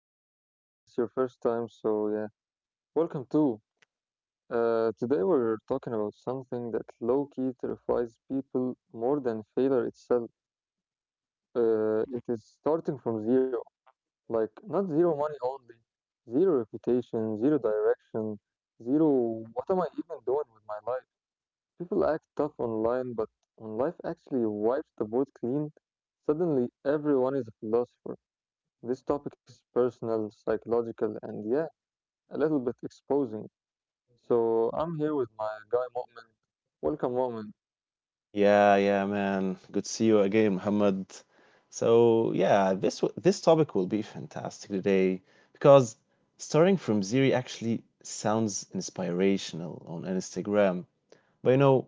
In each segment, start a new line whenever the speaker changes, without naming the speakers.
show. And if it's your first time, welcome too. Today we're talking about something that low key terrifies people more than failure itself. It is starting from zero, like not zero money only, zero reputation, zero direction, zero what am I even doing with my life? People act tough online, but when life actually wipes the board clean, suddenly everyone is a philosopher. This topic is personal, psychological, and yeah a little bit exposing. So I'm here with my guy Mu'min. Welcome, Mu'min.
Yeah, yeah, man. Good to see you again, Muhammad. This topic will be fantastic today because starting from zero actually sounds inspirational on Instagram. But you know,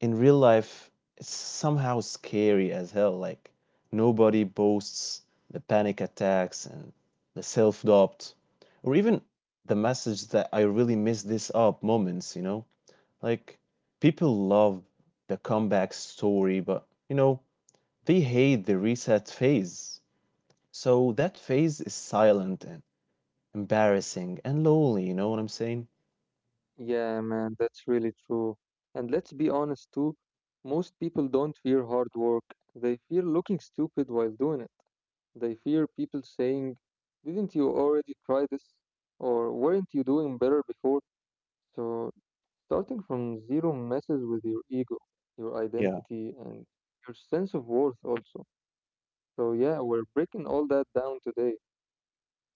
in real life, it's somehow scary as hell. Like nobody boasts the panic attacks and the self-doubt or even the message that I really messed this up moments, you know? Like, people love the comeback story, but you know, they hate the reset phase. So that phase is silent and embarrassing and lonely, you know what I'm saying?
Yeah, man, that's really true. And let's be honest too, most people don't fear hard work. They fear looking stupid while doing it. They fear people saying, "Didn't you already try this?" Or, "Weren't you doing better before?" So starting from zero messes with your ego, your
Yeah.
identity, and your sense of worth also. So yeah, we're breaking all that down today.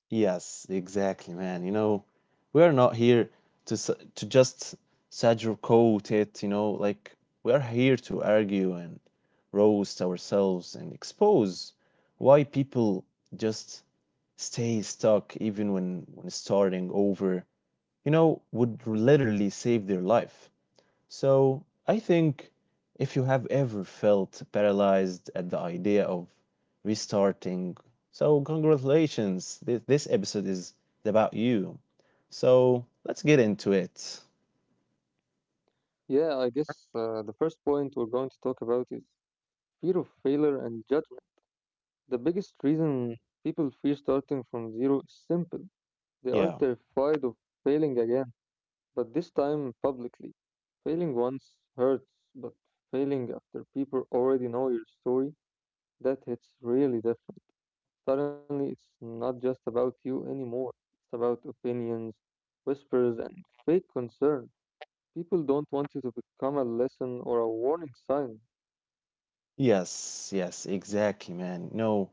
Yes, exactly, man. You know, we are not here to s- to just sugarcoat it, you know, like we are here to argue and roast ourselves and expose why people just stay stuck even when starting over, you know, would literally save their life. So I think if you have ever felt paralyzed at the idea of restarting, so congratulations, this episode is about you. So let's get into it.
Yeah, I guess the first point we're going to talk about is fear of failure and judgment. The biggest reason people fear starting from zero is simple. They are
Yeah.
terrified of failing again, but this time publicly. Failing once hurts, but failing after people already know your story, that hits really different. Suddenly, it's not just about you anymore. It's about opinions, whispers, and fake concern. People don't want you to become a lesson or a warning sign.
Yes, yes, exactly, man. No,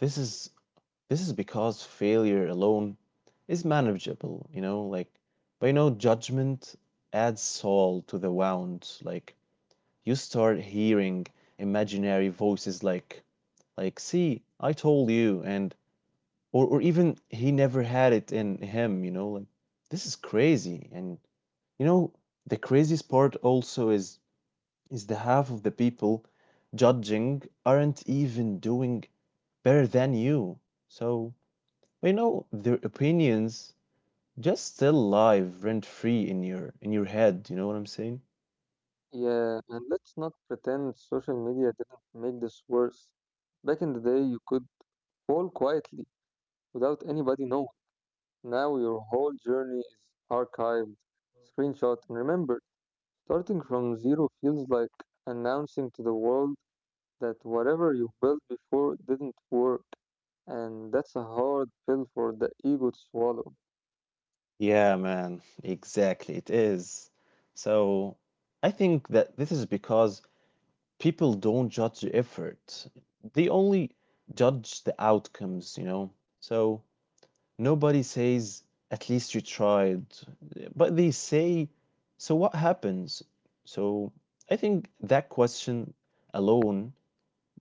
this is this is because failure alone is manageable, you know, like but you know, judgment adds salt to the wound. Like you start hearing imaginary voices like see, I told you, and or even he never had it in him, you know, like this is crazy. And you know the craziest part also is the half of the people judging aren't even doing better than you. So you know their opinions just still live rent free in your head, you know what I'm saying?
Yeah, and let's not pretend social media didn't make this worse. Back in the day, you could fall quietly without anybody knowing. Now your whole journey is archived, screenshot, and remembered. Starting from zero feels like announcing to the world that whatever you built before didn't work, and that's a hard pill for the ego to swallow.
Yeah, man, exactly. It is. So I think that this is because people don't judge the effort. They only judge the outcomes, you know. So nobody says, at least you tried. But they say, so what happens? So I think that question alone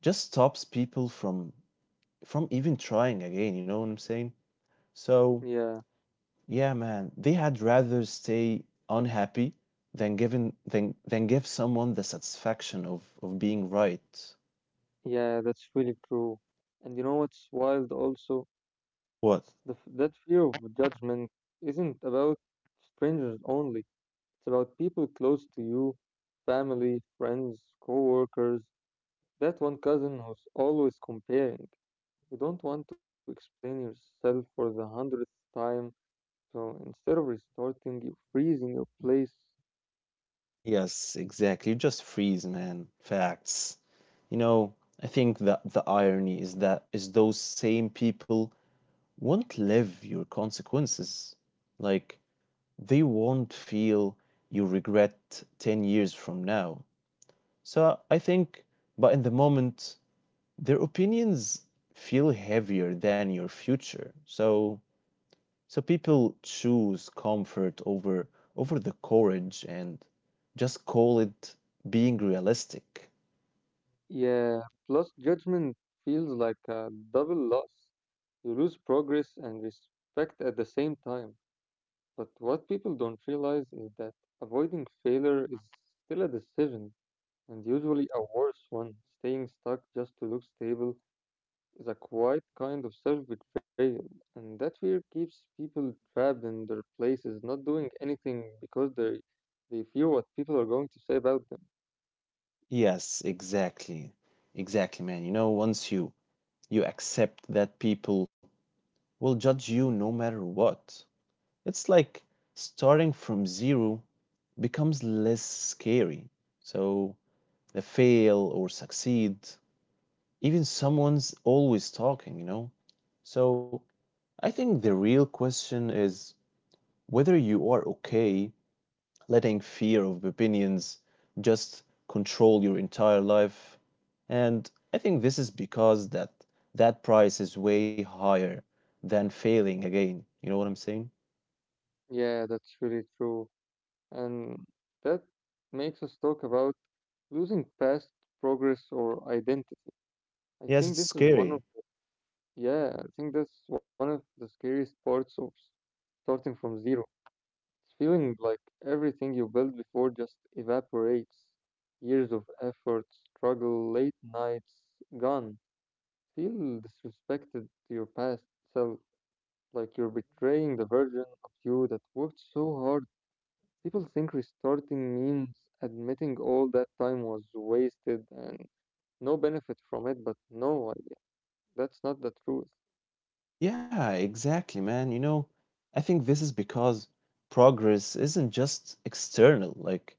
just stops people from even trying again, you know what I'm saying? So
Yeah,
yeah, man. They had rather stay unhappy than give someone the satisfaction of being right.
yeah, that's really true. And you know what's wild also?
What?
That fear of judgment isn't about strangers only. It's about people close to you, family, friends, co-workers, that one cousin who's always comparing. You don't want to explain yourself for the 100th time, so instead of restarting, you freezing your place.
Yes, exactly. You just freeze, man. Facts. You know, I think that the irony is that is those same people won't live your consequences. Like they won't feel you regret 10 years from now. So I think, but in the moment, their opinions feel heavier than your future. So so people choose comfort over the courage and just call it being realistic.
Yeah, plus judgment feels like a double loss. You lose progress and respect at the same time. But what people don't realize is that avoiding failure is still a decision, and usually a worse one. Staying stuck just to look stable is a quiet kind of self betrayal, and that fear keeps people trapped in their places, not doing anything because they fear what people are going to say about them.
Yes, exactly. Exactly, man. You know, once you accept that people will judge you no matter what, it's like starting from zero becomes less scary. So the fail or succeed, even someone's always talking, you know? So I think the real question is whether you are okay letting fear of opinions just control your entire life. And I think this is because that price is way higher than failing again. You know what I'm saying?
Yeah, that's really true, and that makes us talk about losing past progress or identity. I
Yes,
think
it's
this is one of
scary.
Yeah, I think that's one of the scariest parts of starting from zero. It's feeling like everything you built before just evaporates. Years of effort, struggle, late nights, gone. Feel disrespected to your past self, like you're betraying the version of you that worked so hard. People think restarting means admitting all that time was wasted and no benefit from it, but that's not the truth.
Yeah, exactly, man. You know, I think this is because progress isn't just external. Like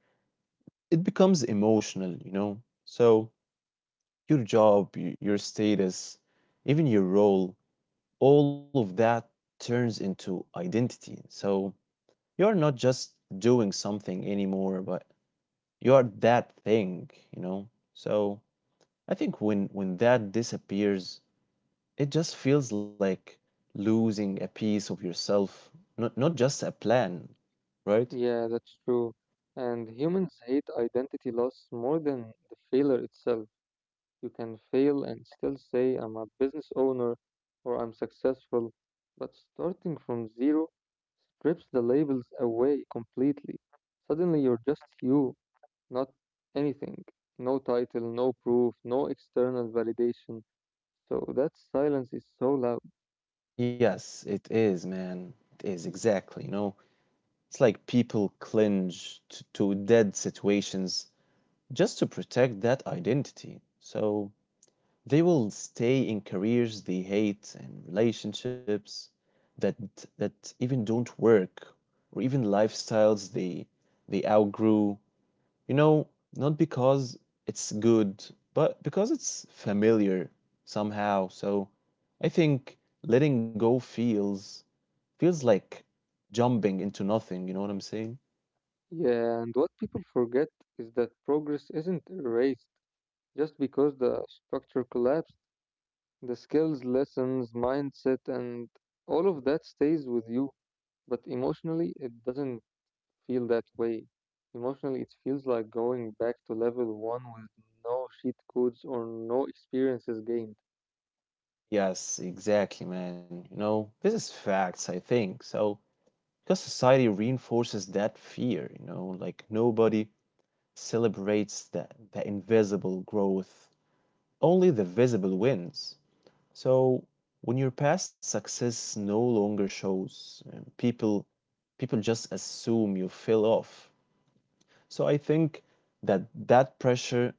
it becomes emotional, you know? So, your job, your status, even your role, all of that turns into identity. So, you're not just doing something anymore, but you are that thing, you know? So, I think when that disappears, it just feels like losing a piece of yourself, not just a plan, right?
Yeah, that's true. And humans hate identity loss more than the failure itself. You can fail and still say, "I'm a business owner" or "I'm successful," but starting from zero strips the labels away completely. Suddenly, you're just you, not anything. No title, no proof, no external validation. So that silence is so loud.
Yes, it is, man. It is exactly, you know. It's like people clinge to dead situations just to protect that identity. So they will stay in careers they hate and relationships that even don't work, or even lifestyles they outgrew. You know, not because it's good, but because it's familiar somehow. So I think letting go feels like jumping into nothing, you know what I'm saying?
Yeah, and what people forget is that progress isn't erased. Just because the structure collapsed, the skills, lessons, mindset, and all of that stays with you. But emotionally, it doesn't feel that way. Emotionally, it feels like going back to level one with no cheat codes or no experiences gained.
Yes, exactly, man. You know, this is facts, I think. So, because society reinforces that fear, you know, like nobody celebrates the invisible growth, only the visible wins. So, when your past success no longer shows, people just assume you fell off. So, I think that that pressure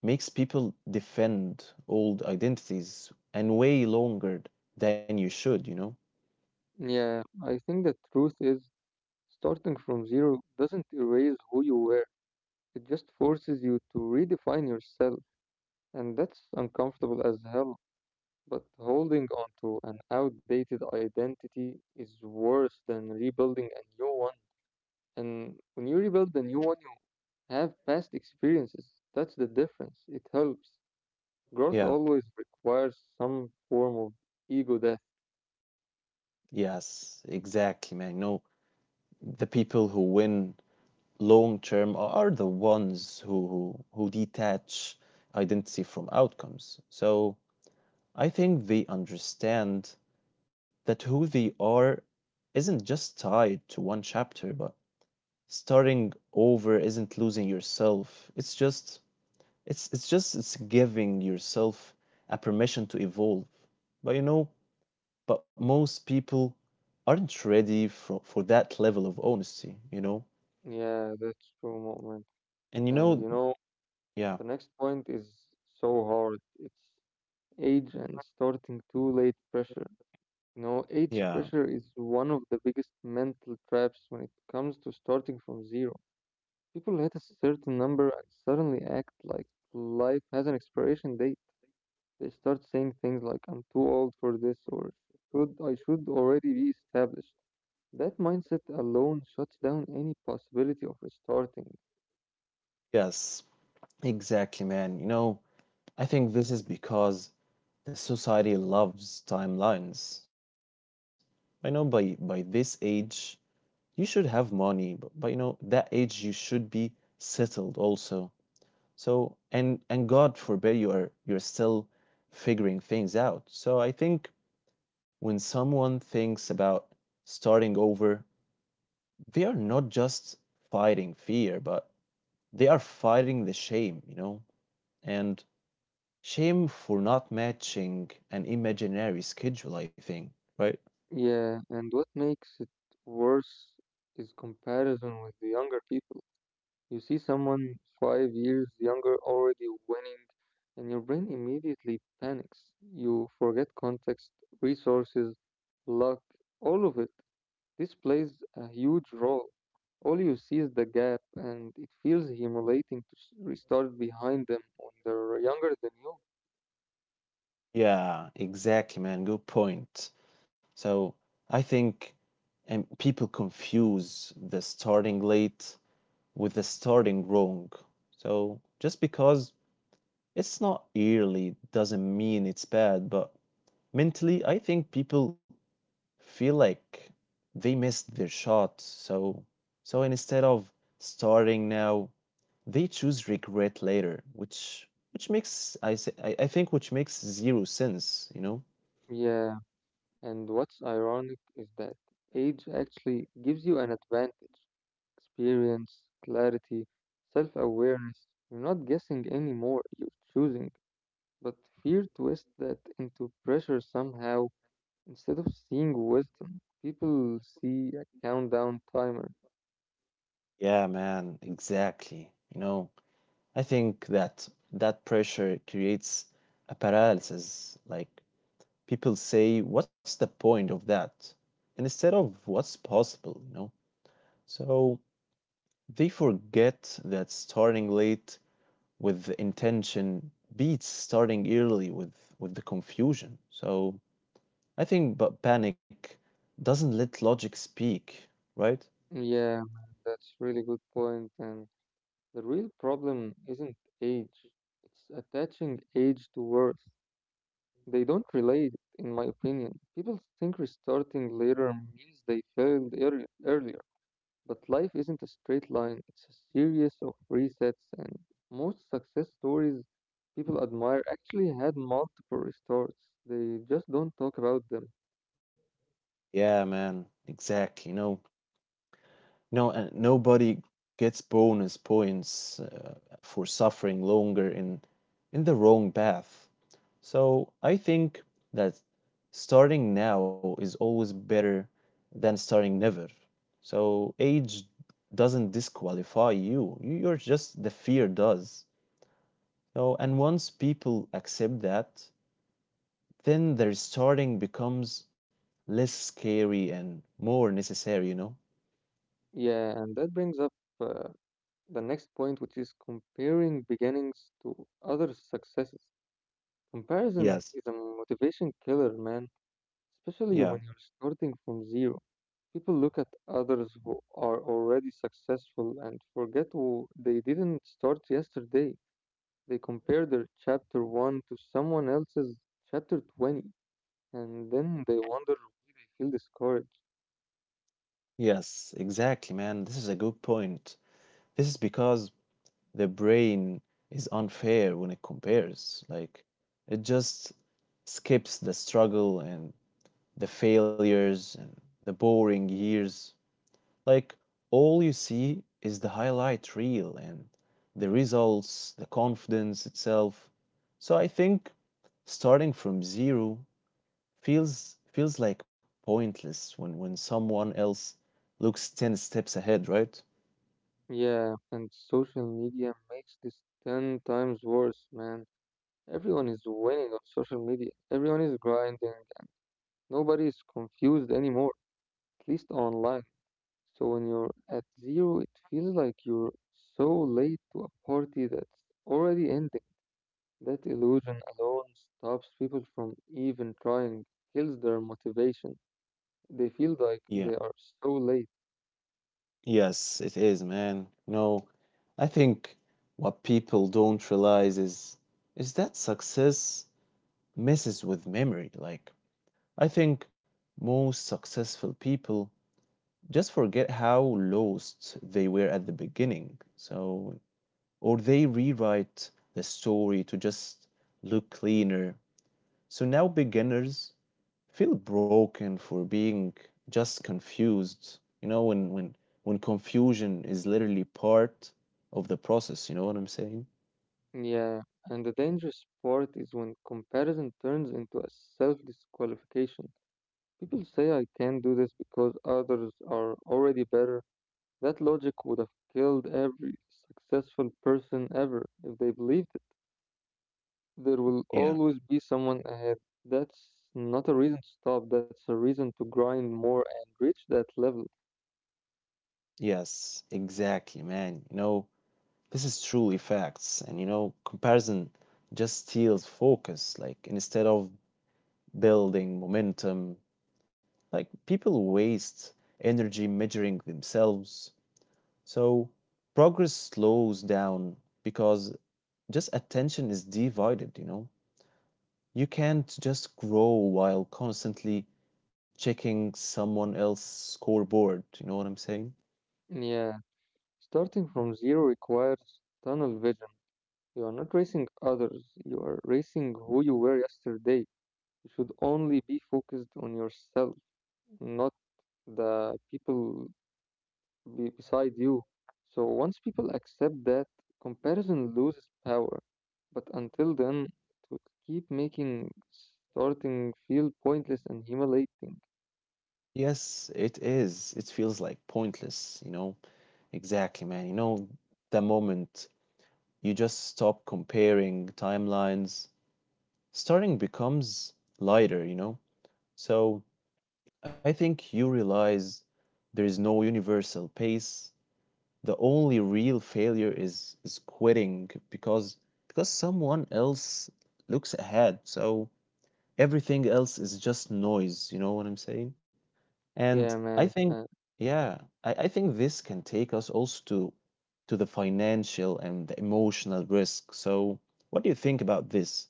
makes people defend old identities and way longer than you should, you know?
Yeah, I think the truth is starting from zero doesn't erase who you were. It just forces you to redefine yourself, and that's uncomfortable as hell. But holding on to an outdated identity is worse than rebuilding a new one. And when you rebuild a new one, you have past experiences. That's the difference. It helps. Growth
Yeah.
always requires some form of ego death.
Yes, exactly, man. You know, the people who win long term are the ones who detach identity from outcomes. So I think they understand that who they are isn't just tied to one chapter, but starting over isn't losing yourself. It's just it's giving yourself a permission to evolve. But you know, but most people aren't ready for that level of honesty, you know?
Yeah, that's true, moment.
And you
And
know,
you know,
yeah,
the next point is so hard. It's age and starting too late pressure. You know, age
yeah,
pressure is one of the biggest mental traps when it comes to starting from zero. People hit a certain number and suddenly act like life has an expiration date. They start saying things like, "I'm too old for this," or I should already be established." That mindset alone shuts down any possibility of restarting.
yes, exactly, man. You know, I think this is because the society loves timelines. I know by this age you should have money, but you know, that age you should be settled also. So and God forbid you are you're still figuring things out. So I think when someone thinks about starting over, they are not just fighting fear, but they are fighting the shame, you know? And shame for not matching an imaginary schedule, I think, right?
Yeah, and what makes it worse is comparison with the younger people. You see someone five years younger already winning, and your brain immediately panics. You forget context, resources, luck, all of it. This plays a huge role. All you see is the gap, and it feels humiliating to restart behind them when they're younger than you.
Yeah, exactly, man. Good point. So I think and people confuse the starting late with the starting wrong. So just because it's not early doesn't mean it's bad, but mentally, I think people feel like they missed their shot. So, so instead of starting now, they choose regret later, which makes I say I think which makes zero sense. You know?
Yeah, and what's ironic is that age actually gives you an advantage. Experience, clarity, self awareness. You're not guessing anymore, you're choosing. But fear twists that into pressure somehow. Instead of seeing wisdom, people see a countdown timer.
Yeah, man, exactly. You know, I think that that pressure creates a paralysis. Like people say, what's the point of that? Instead of what's possible, you know? So they forget that starting late with the intention beats starting early with the confusion. So I think but panic doesn't let logic speak, right?
Yeah, man, that's really good point. And the real problem isn't age, it's attaching age to worth. They don't relate, in my opinion. People think restarting later means they failed earlier. But life isn't a straight line, it's a series of resets, and most success stories people admire actually had multiple restarts. They just don't talk about them.
Yeah, man, exactly. You know, no, and nobody gets bonus points for suffering longer in the wrong path. So I think that starting now is always better than starting never. So age doesn't disqualify you. You're just the fear does. So and once people accept that, then their starting becomes less scary and more necessary, you know?
Yeah, and that brings up uh, the next point, which is comparing beginnings to other successes. Comparison
Yes.
is a motivation killer, man, especially
Yeah.
when you're starting from zero. People look at others who are already successful and forget who they didn't start yesterday. They compare their chapter 1 to someone else's chapter 20, and then they wonder why they feel discouraged.
Yes, exactly, man. This is a good point. This is because the brain is unfair when it compares. Like, it just skips the struggle and the failures and the boring years. Like, all you see is the highlight reel and the results, the confidence itself. So I think starting from zero feels like pointless when someone else looks 10 steps ahead, right?
Yeah, and social media makes this 10 times worse, man. Everyone is winning on social media, everyone is grinding, nobody is confused anymore, at least online. So when you're at zero, it feels like you're so late to a party that's already ending. That illusion alone stops people from even trying, kills their motivation. They feel like
Yeah,
they are so late.
yes it is, man. No, I think what people don't realize is that success messes with memory. Like I think most successful people just forget how lost they were at the beginning, so or they rewrite the story to just look cleaner. So now beginners feel broken for being just confused. You know, when confusion is literally part of the process, you know what I'm saying?
Yeah, and the dangerous part is when comparison turns into a self disqualification. People say I can't do this because others are already better. That logic would have killed every successful person ever if they believed it. There will
Yeah.
always be someone ahead. That's not a reason to stop, that's a reason to grind more and reach that level.
Yes, exactly, man. You know, this is truly facts. And you know, comparison just steals focus. Like instead of building momentum, like people waste energy measuring themselves. So progress slows down because just attention is divided, you know? You can't just grow while constantly checking someone else's scoreboard. You know what I'm saying?
Yeah, starting from zero requires tunnel vision. You are not racing others, you are racing who you were yesterday. You should only be focused on yourself, not the people be beside you. So once people accept that, comparison loses power. But until then, it will keep making starting feel pointless and humiliating.
Yes, it is. It feels like pointless, you know? Exactly, man. You know, the moment you just stop comparing timelines, starting becomes lighter, you know? So I think you realize there is no universal pace, the only real failure is quitting because someone else looks ahead. So everything else is just noise, you know what I'm saying? And
Yeah,
I
man.
think
uh,
yeah, I think this can take us also to the financial and the emotional risk. So what do you think about this?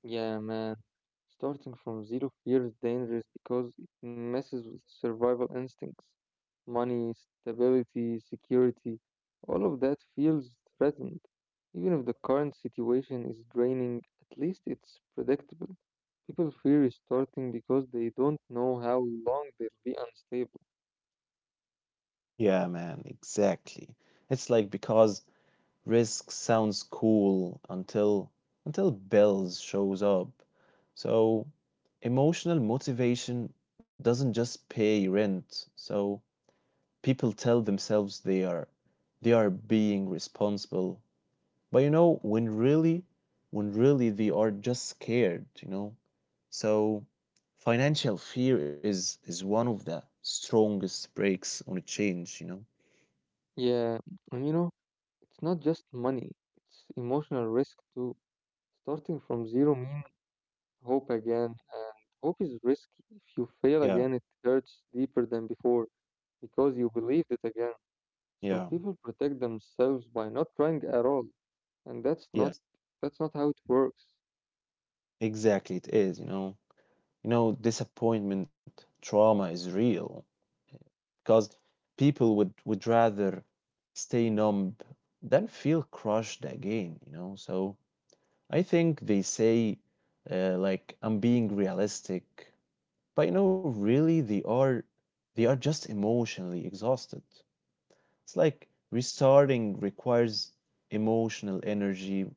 yeah, man. Starting from zero fear is dangerous because it messes with survival instincts. Money, stability, security, all of that feels threatened. Even if the current situation is draining, at least it's predictable. People fear restarting because they don't know how long they'll be unstable.
Yeah, man, exactly. It's like because risk sounds cool until Belz shows up. So emotional motivation doesn't just pay rent. So people tell themselves they are being responsible. But you know, when really they are just scared, you know. So financial fear is one of the strongest brakes on a change, you know.
Yeah, and you know, it's not just money, it's emotional risk too. Starting from zero means hope again. Hope is risky. If you fail
Yeah,
again, it hurts deeper than before because you believed it again. So
yeah.
people protect themselves by not trying at all, and
Yes,
that's not how it works.
exactly it is, you know. You know, disappointment trauma is real because people would rather stay numb than feel crushed again, you know. So I think they say like I'm being realistic, but you know, really they are just emotionally exhausted. It's like restarting requires emotional energy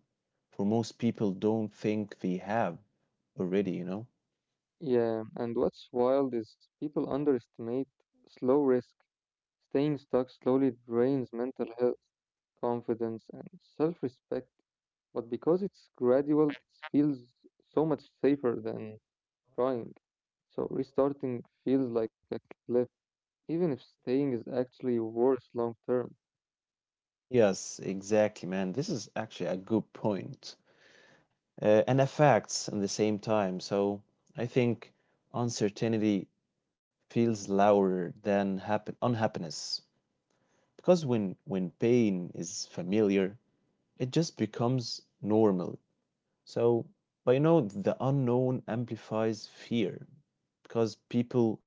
for most people don't think they have already, you know.
Yeah, and what's wild is people underestimate slow risk. Staying stuck slowly drains mental health, confidence, and self-respect. But because it's gradual, it feels so much safer than trying. So restarting feels like a cliff, even if staying is actually worse long term.
Yes, exactly, man. This is actually a good point. And affects at the same time. So I think uncertainty feels louder than happen unhappiness. Because when pain is familiar, it just becomes normal. So but the unknown amplifies fear because people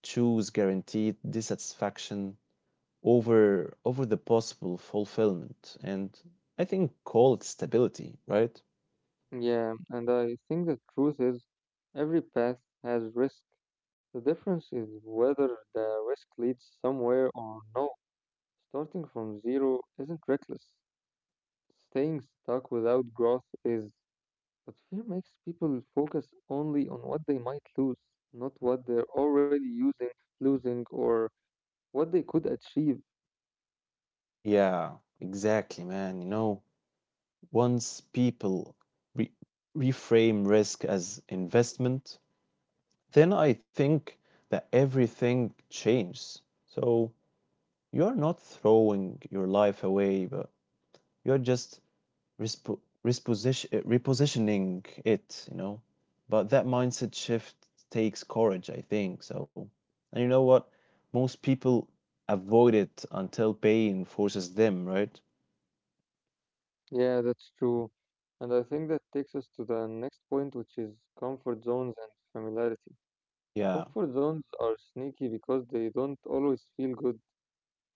choose guaranteed dissatisfaction over the possible fulfillment, and I think call it stability, right?
Yeah, and I think the truth is every path has risk. The difference is whether the risk leads somewhere or no. Starting from zero isn't reckless. Staying stuck without growth is. But fear makes people focus only on what they might lose, not what they're already losing, or what they could achieve.
Yeah, exactly, man. Once people re- reframe risk as investment, then I think that everything changes. So you're not throwing your life away, but you're just respo reposition repositioning it. But that mindset shift takes courage, I think. So, and you know what? Most people avoid it until pain forces them, right?
Yeah, that's true. And I think that takes us to the next point, which is comfort zones and familiarity.
Yeah.
Comfort zones are sneaky because they don't always feel good,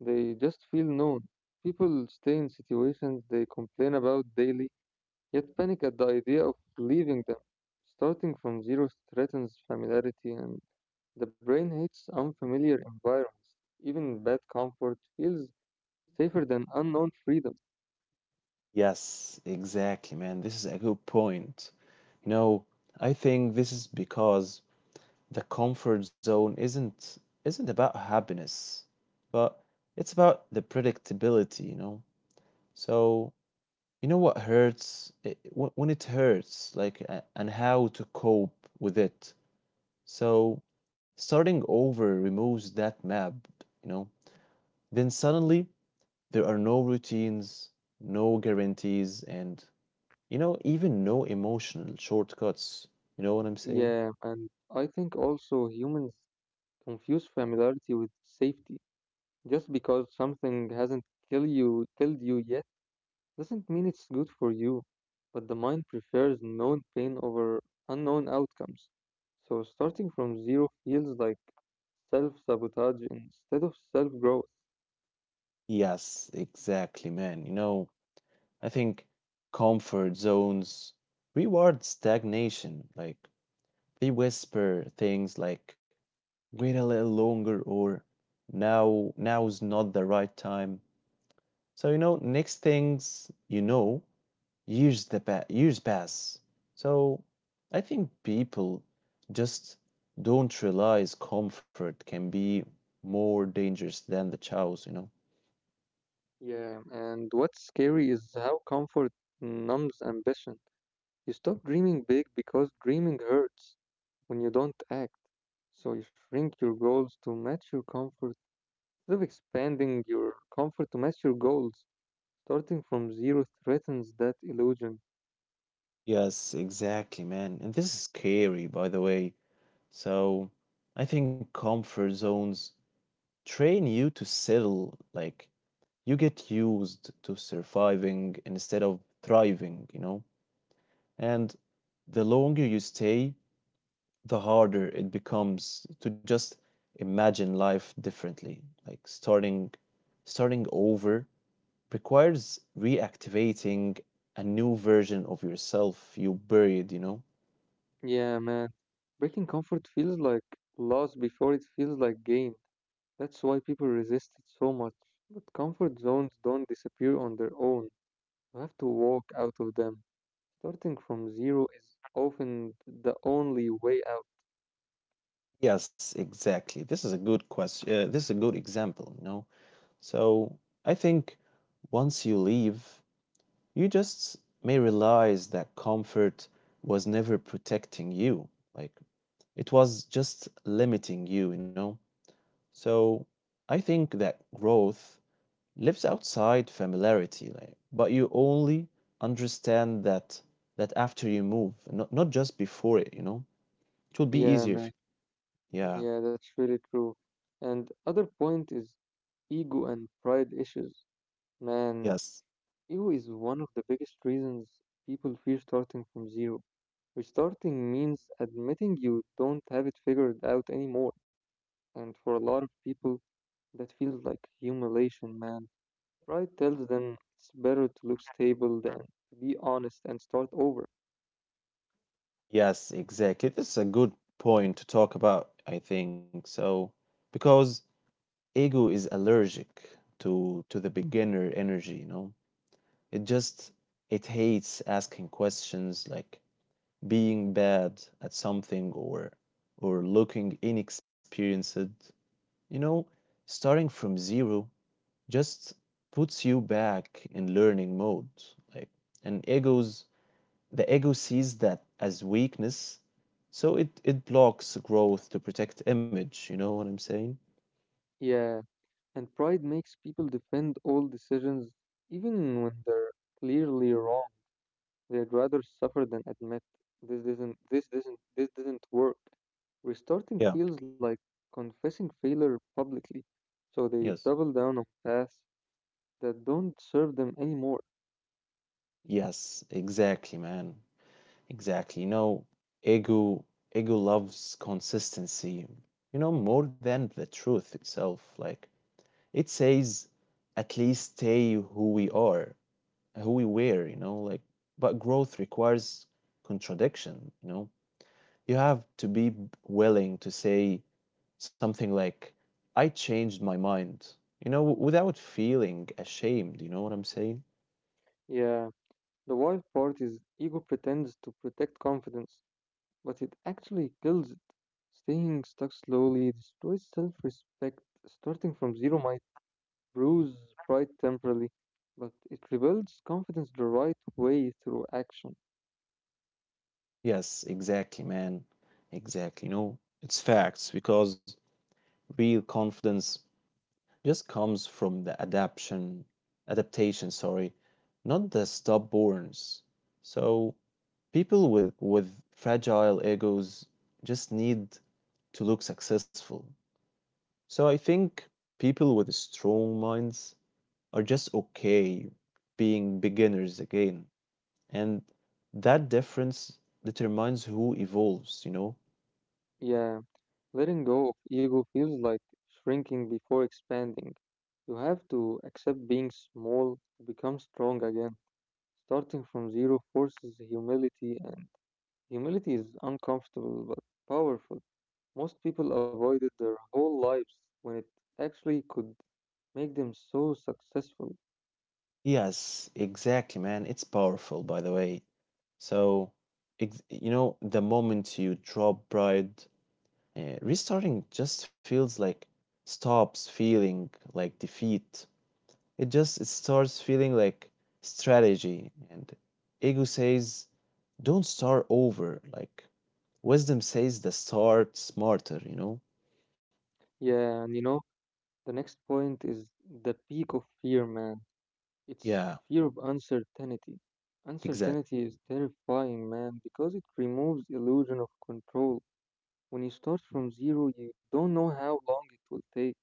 they just feel known. People stay in situations they complain about daily, yet panic at the idea of leaving them. Starting from zero threatens familiarity, and the brain hates unfamiliar environments. Even bad comfort feels safer than unknown freedom.
Yes, exactly, man. This is a good point. You know, I think this is because the comfort zone isn't about happiness, but it's about the predictability, So you know what hurts? When it hurts, like, and how to cope with it. So, starting over removes that map, you know? Then suddenly, there are no routines, no guarantees, and, even no emotional shortcuts. You know what I'm saying?
Yeah, and I think also humans confuse familiarity with safety. Just because something hasn't killed you yet, doesn't mean it's good for you. But the mind prefers known pain over unknown outcomes. So starting from zero feels like self-sabotage instead of self-growth.
Yes, exactly, man. I think comfort zones reward stagnation. Like, they whisper things like, wait a little longer, or now's not the right time. So next things you know, years pass. So I think people just don't realize comfort can be more dangerous than the chows.
Yeah, and what's scary is how comfort numbs ambition. You stop dreaming big because dreaming hurts when you don't act. So you shrink your goals to match your comfort instead of expanding your comfort to match your goals, starting from zero threatens that illusion.
Yes, exactly, man. And this is scary, by the way. So I think comfort zones train you to settle, like you get used to surviving instead of thriving, And the longer you stay, the harder it becomes to just imagine life differently. Like starting over requires reactivating a new version of yourself you buried,
Yeah, man. Breaking comfort feels like loss before it feels like gain. That's why people resist it so much. But comfort zones don't disappear on their own. You have to walk out of them. Starting from zero is often the only way out.
Yes, exactly. This is a good question. This is a good example, So I think once you leave, you just may realize that comfort was never protecting you. Like it was just limiting you, you know? So I think that growth lives outside familiarity, like, but you only understand that after you move, not just before it, It would be easier
Yeah,
if
man.
yeah.
Yeah, that's really true. And other point is ego and pride issues. Man,
Yes.
ego is one of the biggest reasons people fear starting from zero. Which starting means admitting you don't have it figured out anymore. And for a lot of people, that feels like humiliation, man. Pride tells them it's better to look stable than to be honest and start over.
Yes, exactly. This is a good point to talk about, I think. So because ego is allergic to the beginner energy, it just it hates asking questions, like being bad at something, or looking inexperienced, you know starting from zero just puts you back in learning mode, like. And egos the ego sees that as weakness, so it blocks growth to protect image. You know what I'm saying?
Yeah, and pride makes people defend all decisions even when they're clearly wrong. They'd rather suffer than admit this didn't work. Restarting
Yeah.
feels like confessing failure publicly, so they
Yes.
double down on paths that don't serve them anymore.
Yes, exactly, man. Exactly. Ego ego loves consistency, more than the truth itself. Like it says, at least stay who we are, who we were, you know, like. But growth requires contradiction, you know. You have to be willing to say something like, I changed my mind, you know, without feeling ashamed. You know what I'm saying?
Yeah, the wild part is ego pretends to protect confidence, but it actually kills it. Staying stuck slowly destroys self respect. Starting from zero might bruise pride temporarily, but it rebuilds confidence the right way through action.
Yes, exactly, man. Exactly. It's facts because real confidence just comes from the adaptation, adaptation, sorry, not the stubbornness. So people with fragile egos just need to look successful. So I think people with strong minds are just okay being beginners again. And that difference determines who evolves,
Yeah. Letting go of ego feels like shrinking before expanding. You have to accept being small to become strong again. Starting from zero forces humility, and humility is uncomfortable but powerful. Most people avoided it their whole lives when it actually could make them so successful.
Yes, exactly, man. It's powerful, by the way. So, the moment you drop pride, restarting just feels like stops feeling like defeat. It starts feeling like strategy. And ego says, "Don't start over." Like wisdom says, "The start smarter." You know?
Yeah, and you know, the next point is the peak of fear, man. It's
Yeah,
fear of uncertainty.
exactly.
Uncertainty is terrifying, man, because it removes illusion of control. When you start from zero, you don't know how long it will take,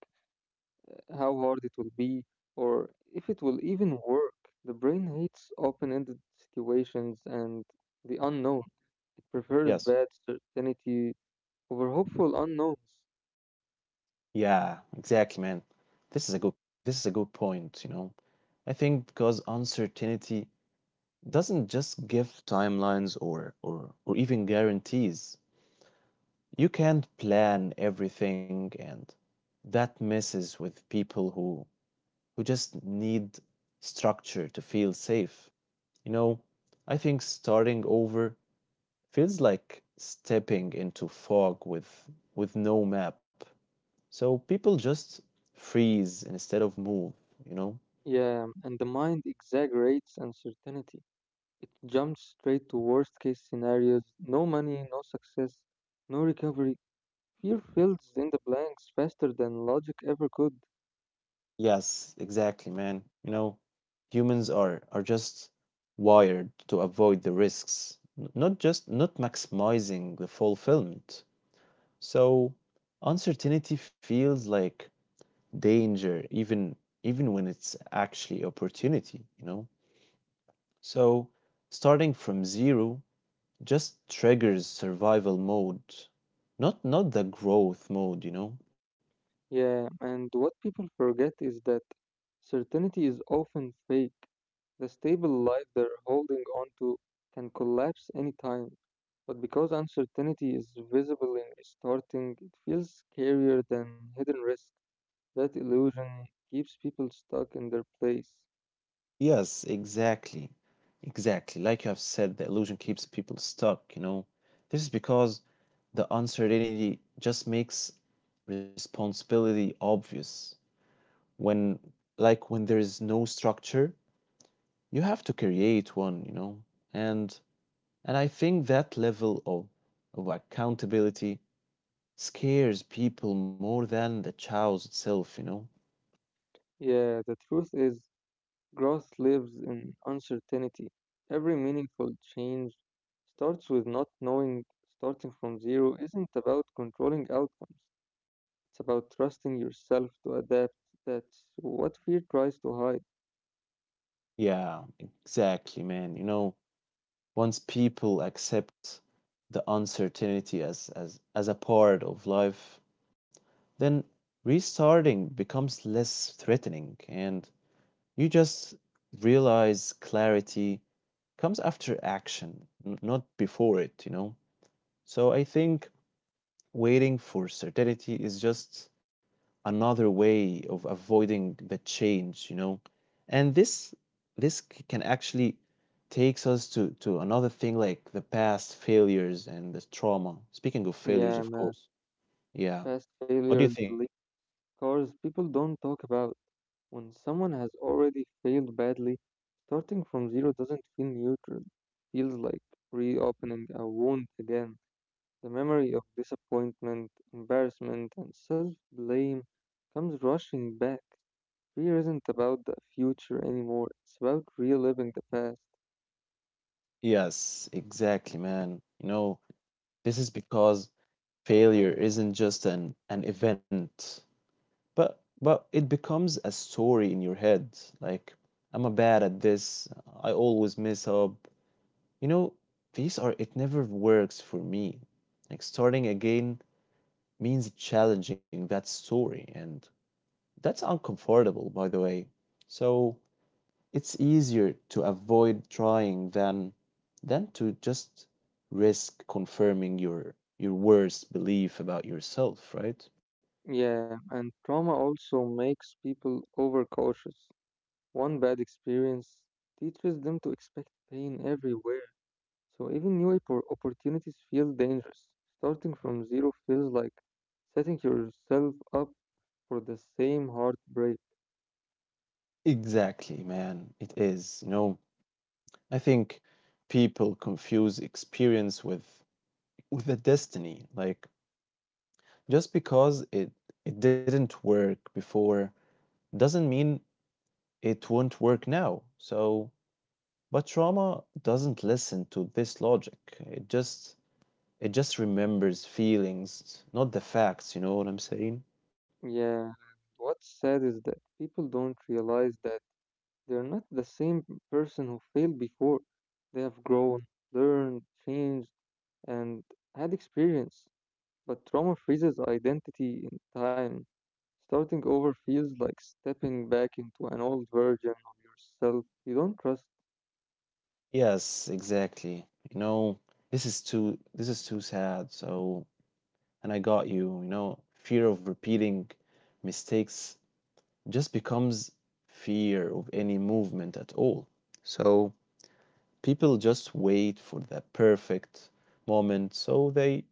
how hard it will be, or if it will even work. The brain hates open-ended situations and the unknown. It prefers bad
Yes.
certainty over hopeful unknowns.
Yeah, exactly, man. This is a good. This is a good point. I think because uncertainty doesn't just give timelines, or even guarantees. You can't plan everything, and that messes with people who just need structure to feel safe. You know, I think starting over feels like stepping into fog with no map. So people just freeze instead of move, you know?
Yeah, and the mind exaggerates uncertainty. It jumps straight to worst case scenarios, no money, no success, no recovery. Fear fills in the blanks faster than logic ever could.
Yes, exactly, man. Humans are just wired to avoid the risks, not just not maximizing the fulfillment. So uncertainty feels like danger even when it's actually opportunity, So starting from zero just triggers survival mode, not the growth mode,
Yeah, and what people forget is that certainty is often fake. The stable life they're holding on to can collapse anytime. But because uncertainty is visible and starting, it feels scarier than hidden risk. That illusion keeps people stuck in their place.
Yes, exactly. Exactly. Like you have said, the illusion keeps people stuck, This is because the uncertainty just makes responsibility obvious. When, when there is no structure, you have to create one, And I think that level of accountability scares people more than the chaos itself,
Yeah, the truth is growth lives in uncertainty. Every meaningful change starts with not knowing. Starting from zero isn't about controlling outcomes, it's about trusting yourself to adapt. That's what fear tries to hide.
Yeah, exactly, man. Once people accept the uncertainty as, as a part of life, then restarting becomes less threatening, and you just realize clarity comes after action, not before it, So I think waiting for certainty is just another way of avoiding the change, And can actually takes us to another thing, like the past failures and the trauma. Speaking of failures,
Yeah,
of
man.
course. Yeah.
Past
What do you
failures
think?
leave scars people don't talk about. When someone has already failed badly, starting from zero doesn't feel neutral. Feels like reopening a wound again. The memory of disappointment, embarrassment, and self blame comes rushing back. Fear isn't about the future anymore, it's about reliving the past.
Yes, exactly, man. This is because failure isn't just an event, but it becomes a story in your head. Like, I'm a bad at this. I always mess up. You know, these are it never works for me. Like starting again means challenging that story, and that's uncomfortable, by the way. So it's easier to avoid trying than to just risk confirming your worst belief about yourself, right?
Yeah, and trauma also makes people overcautious. One bad experience teaches them to expect pain everywhere, so even new opportunities feel dangerous. Starting from zero feels like setting yourself up for the same heartbreak.
Exactly, man. It is, I think people confuse experience with a destiny. Like just because it didn't work before doesn't mean it won't work now. So, but trauma doesn't listen to this logic. It just remembers feelings, not the facts. You know what I'm saying?
Yeah, what's sad is that people don't realize that they're not the same person who failed before. They have grown, learned, changed, and had experience. But trauma freezes identity in time. Starting over feels like stepping back into an old version of yourself you don't trust.
Yes, exactly. This is too sad. So, and I got you, you know, fear of repeating mistakes just becomes fear of any movement at all. So people just wait for the perfect moment so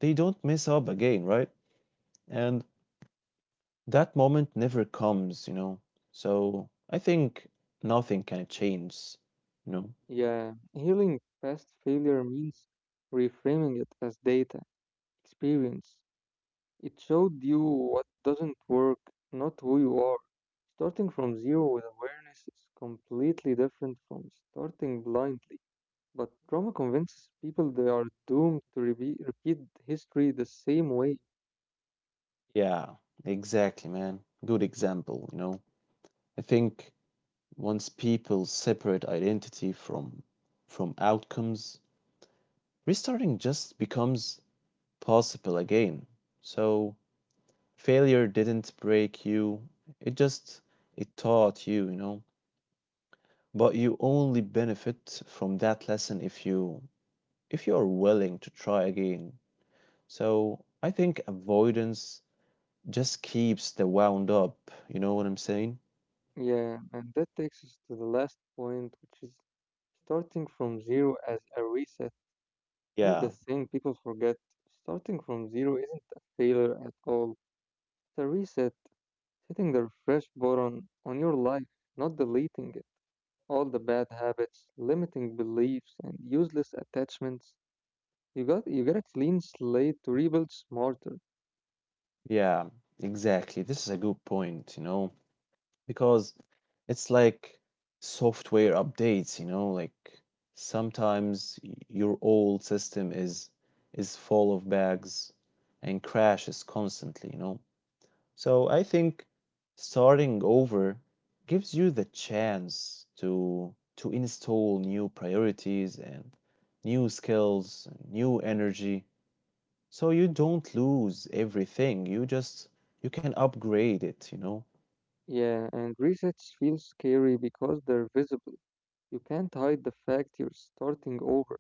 they don't mess up again, right? And that moment never comes, So I think nothing can change, you know.
Yeah, healing past failure means reframing it as data, experience. It showed you what doesn't work, not who you are. Starting from zero with awareness is completely different from starting blindly. But trauma convinces people they are doomed to repeat history the same way.
Yeah, exactly, man. Good example, I think once people separate identity from outcomes, restarting just becomes possible again. So failure didn't break you. It just it taught you, you know. But you only benefit from that lesson if you are willing to try again. So I think avoidance just keeps the wound up. You know what I'm saying?
Yeah, and that takes us to the last point, which is starting from zero as a reset. Here's the
Yeah.
thing people forget, starting from zero isn't a failure at all, it's a reset, hitting the refresh button on your life, not deleting it. All the bad habits, limiting beliefs, and useless attachments. You get a clean slate to rebuild smarter.
Yeah, exactly. This is a good point, Because it's like software updates, you know, like sometimes your old system is full of bugs and crashes constantly, So I think starting over gives you the chance to install new priorities, and new skills, and new energy. So you don't lose everything. You can upgrade it,
Yeah, and resets feel scary because they're visible. You can't hide the fact you're starting over.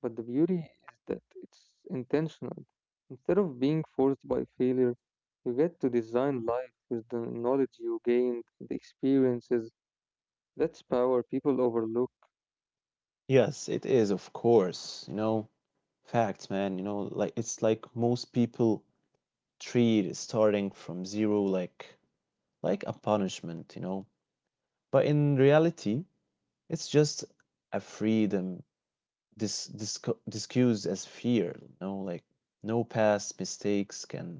But the beauty is that it's intentional. Instead of being forced by failure, you get to design life with the knowledge you gained, the experiences. That's power people overlook.
Yes, it is, of course. Facts, man. You know, like it's like most people treat starting from zero like a punishment, But in reality, it's just a freedom discussed as fear, you know, like no past mistakes can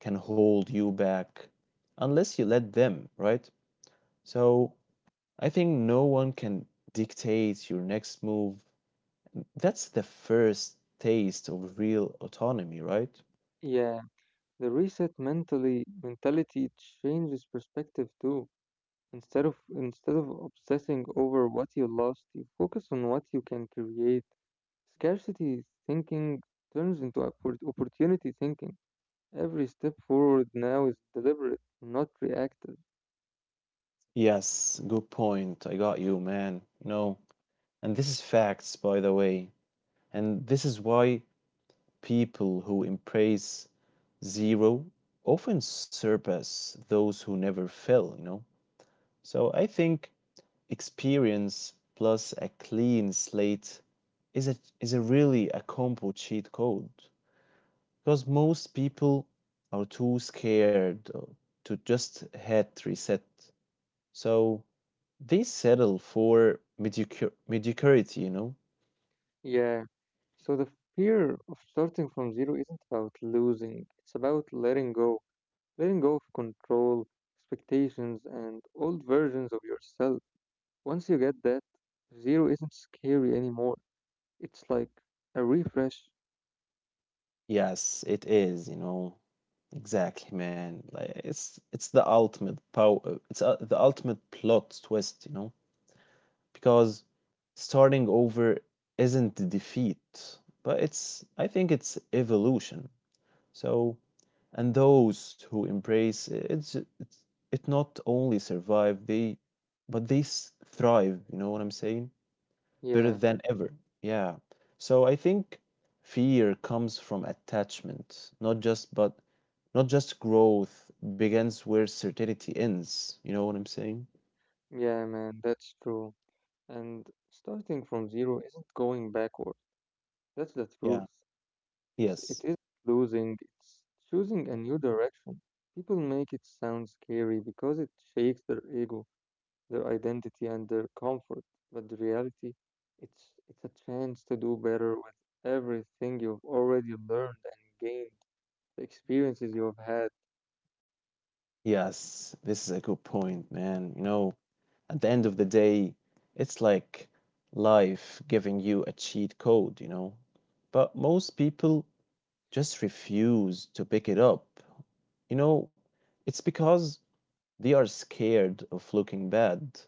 hold you back unless you let them, right? So I think no one can dictate your next move. That's the first taste of real autonomy, right?
Yeah, the reset mentally mentality changes perspective too. Instead of obsessing over what you lost, you focus on what you can create. Scarcity thinking turns into opportunity thinking. Every step forward now is deliberate, not reactive.
Yes, good point. I got you, man. And this is facts, by the way. And this is why people who embrace zero often surpass those who never fail, So I think experience plus a clean slate is a really a combo cheat code. Because most people are too scared to just hit reset. So they settle for mediocrity,
Yeah. So the fear of starting from zero isn't about losing. It's about letting go. Letting go of control, expectations, and old versions of yourself. Once you get that, zero isn't scary anymore. It's like a refresh.
Yes, it is, Exactly, man. Like it's the ultimate power. It's the ultimate plot twist, Because starting over isn't defeat, but it's I think it's evolution. So, and those who embrace it, it not only survive they, but they thrive. You know what I'm saying? Better
Yeah,
than ever. Yeah. So I think fear comes from attachment, not just growth begins where certainty ends. You know what I'm saying?
yeah, man, that's true. And starting from zero isn't going backward. That's the
Yeah.
truth. It
Yes.
is losing. It's choosing a new direction. People make it sound scary because it shakes their ego, their identity, and their comfort. But the reality, it's a chance to do better with everything you've already learned and gained, the experiences you have had.
Yes, this is a good point, man. At the end of the day, it's like life giving you a cheat code, But most people just refuse to pick it up. You know, it's because they are scared of looking bad.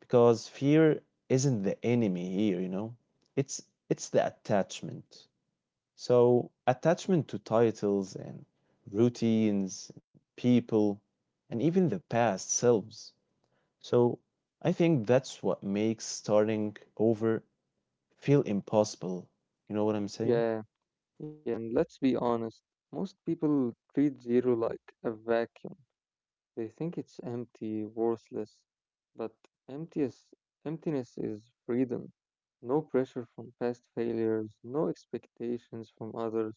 Because fear isn't the enemy here, It's it's the attachment. So, attachment to titles, and routines, people, and even the past selves. So, I think that's what makes starting over feel impossible. You know what I'm saying?
Yeah, and let's be honest, most people treat zero like a vacuum. They think it's empty, worthless, but emptiness, emptiness is freedom. No pressure from past failures, no expectations from others,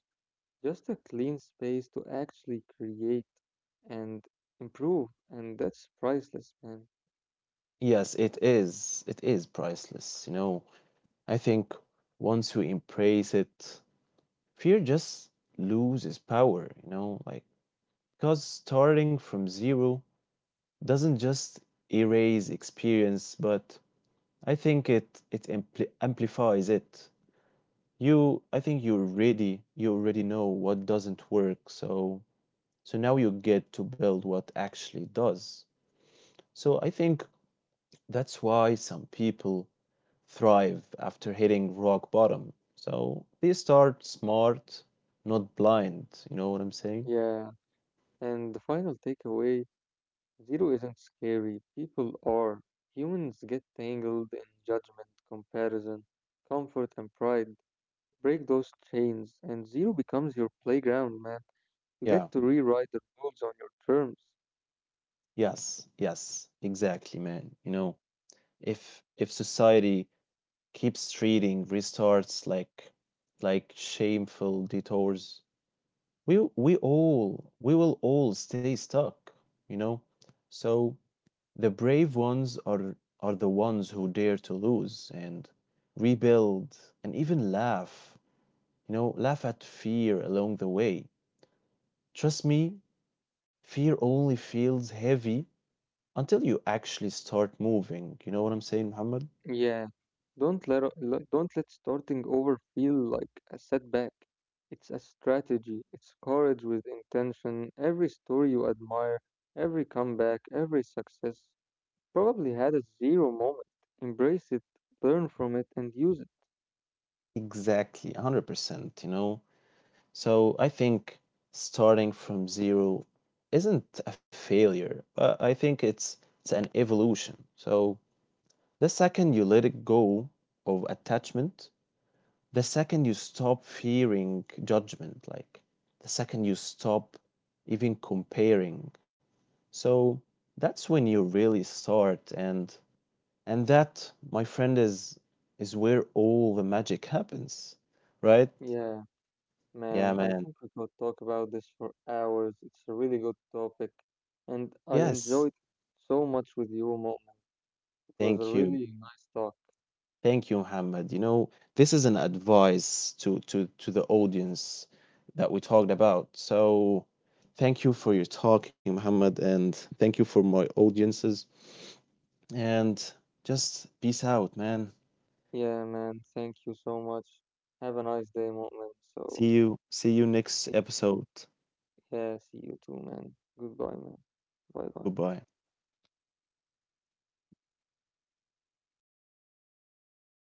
just a clean space to actually create and improve, and that's priceless, man.
Yes, it is. It is priceless. I think once you embrace it, fear just loses power, you know, like because starting from zero doesn't just erase experience, but I think amplifies it. You, I think you already know what doesn't work, so now you get to build what actually does. So I think that's why some people thrive after hitting rock bottom. So they start smart, not blind. You know what I'm saying?
Yeah, and the final takeaway, zero isn't scary. People are. Humans get tangled in judgment, comparison, comfort, and pride. Break those chains, and zero becomes your playground, man. You get
Yeah.
to rewrite the rules on your terms.
Yes. Yes. Exactly, man. If society keeps reading, restarts like shameful detours. We will all stay stuck, you know? So the brave ones are the ones who dare to lose, and rebuild, and even laugh, you know, laugh at fear along the way. Trust me, fear only feels heavy until you actually start moving. You know what I'm saying, Muhammad?
Yeah. Don't let starting over feel like a setback. It's a strategy. It's courage with intention. Every story you admire, every comeback, every success probably had a zero moment. Embrace it, learn from it, and use it.
Exactly, 100%, So I think starting from zero isn't a failure, but I think it's an evolution. So the second you let it go of attachment, the second you stop fearing judgment, like the second you stop even comparing. So that's when you really start, and that, my friend, is where all the magic happens, right?
Yeah,
Yeah,
man, I
man.
think we could talk about this for hours. It's a really good topic, and I
Yes.
enjoyed so much with you, Moment. It was a
Thank you.
really nice talk.
Thank you, Muhammad. This is an advice to the audience that we talked about. So, thank you for your talking, Muhammad, and thank you for my audiences. And just peace out, man.
Yeah, man, thank you so much. Have a nice day, Moment. So,
See you. See you next episode.
yeah, see you too, man. Goodbye, man. Bye bye.
Goodbye.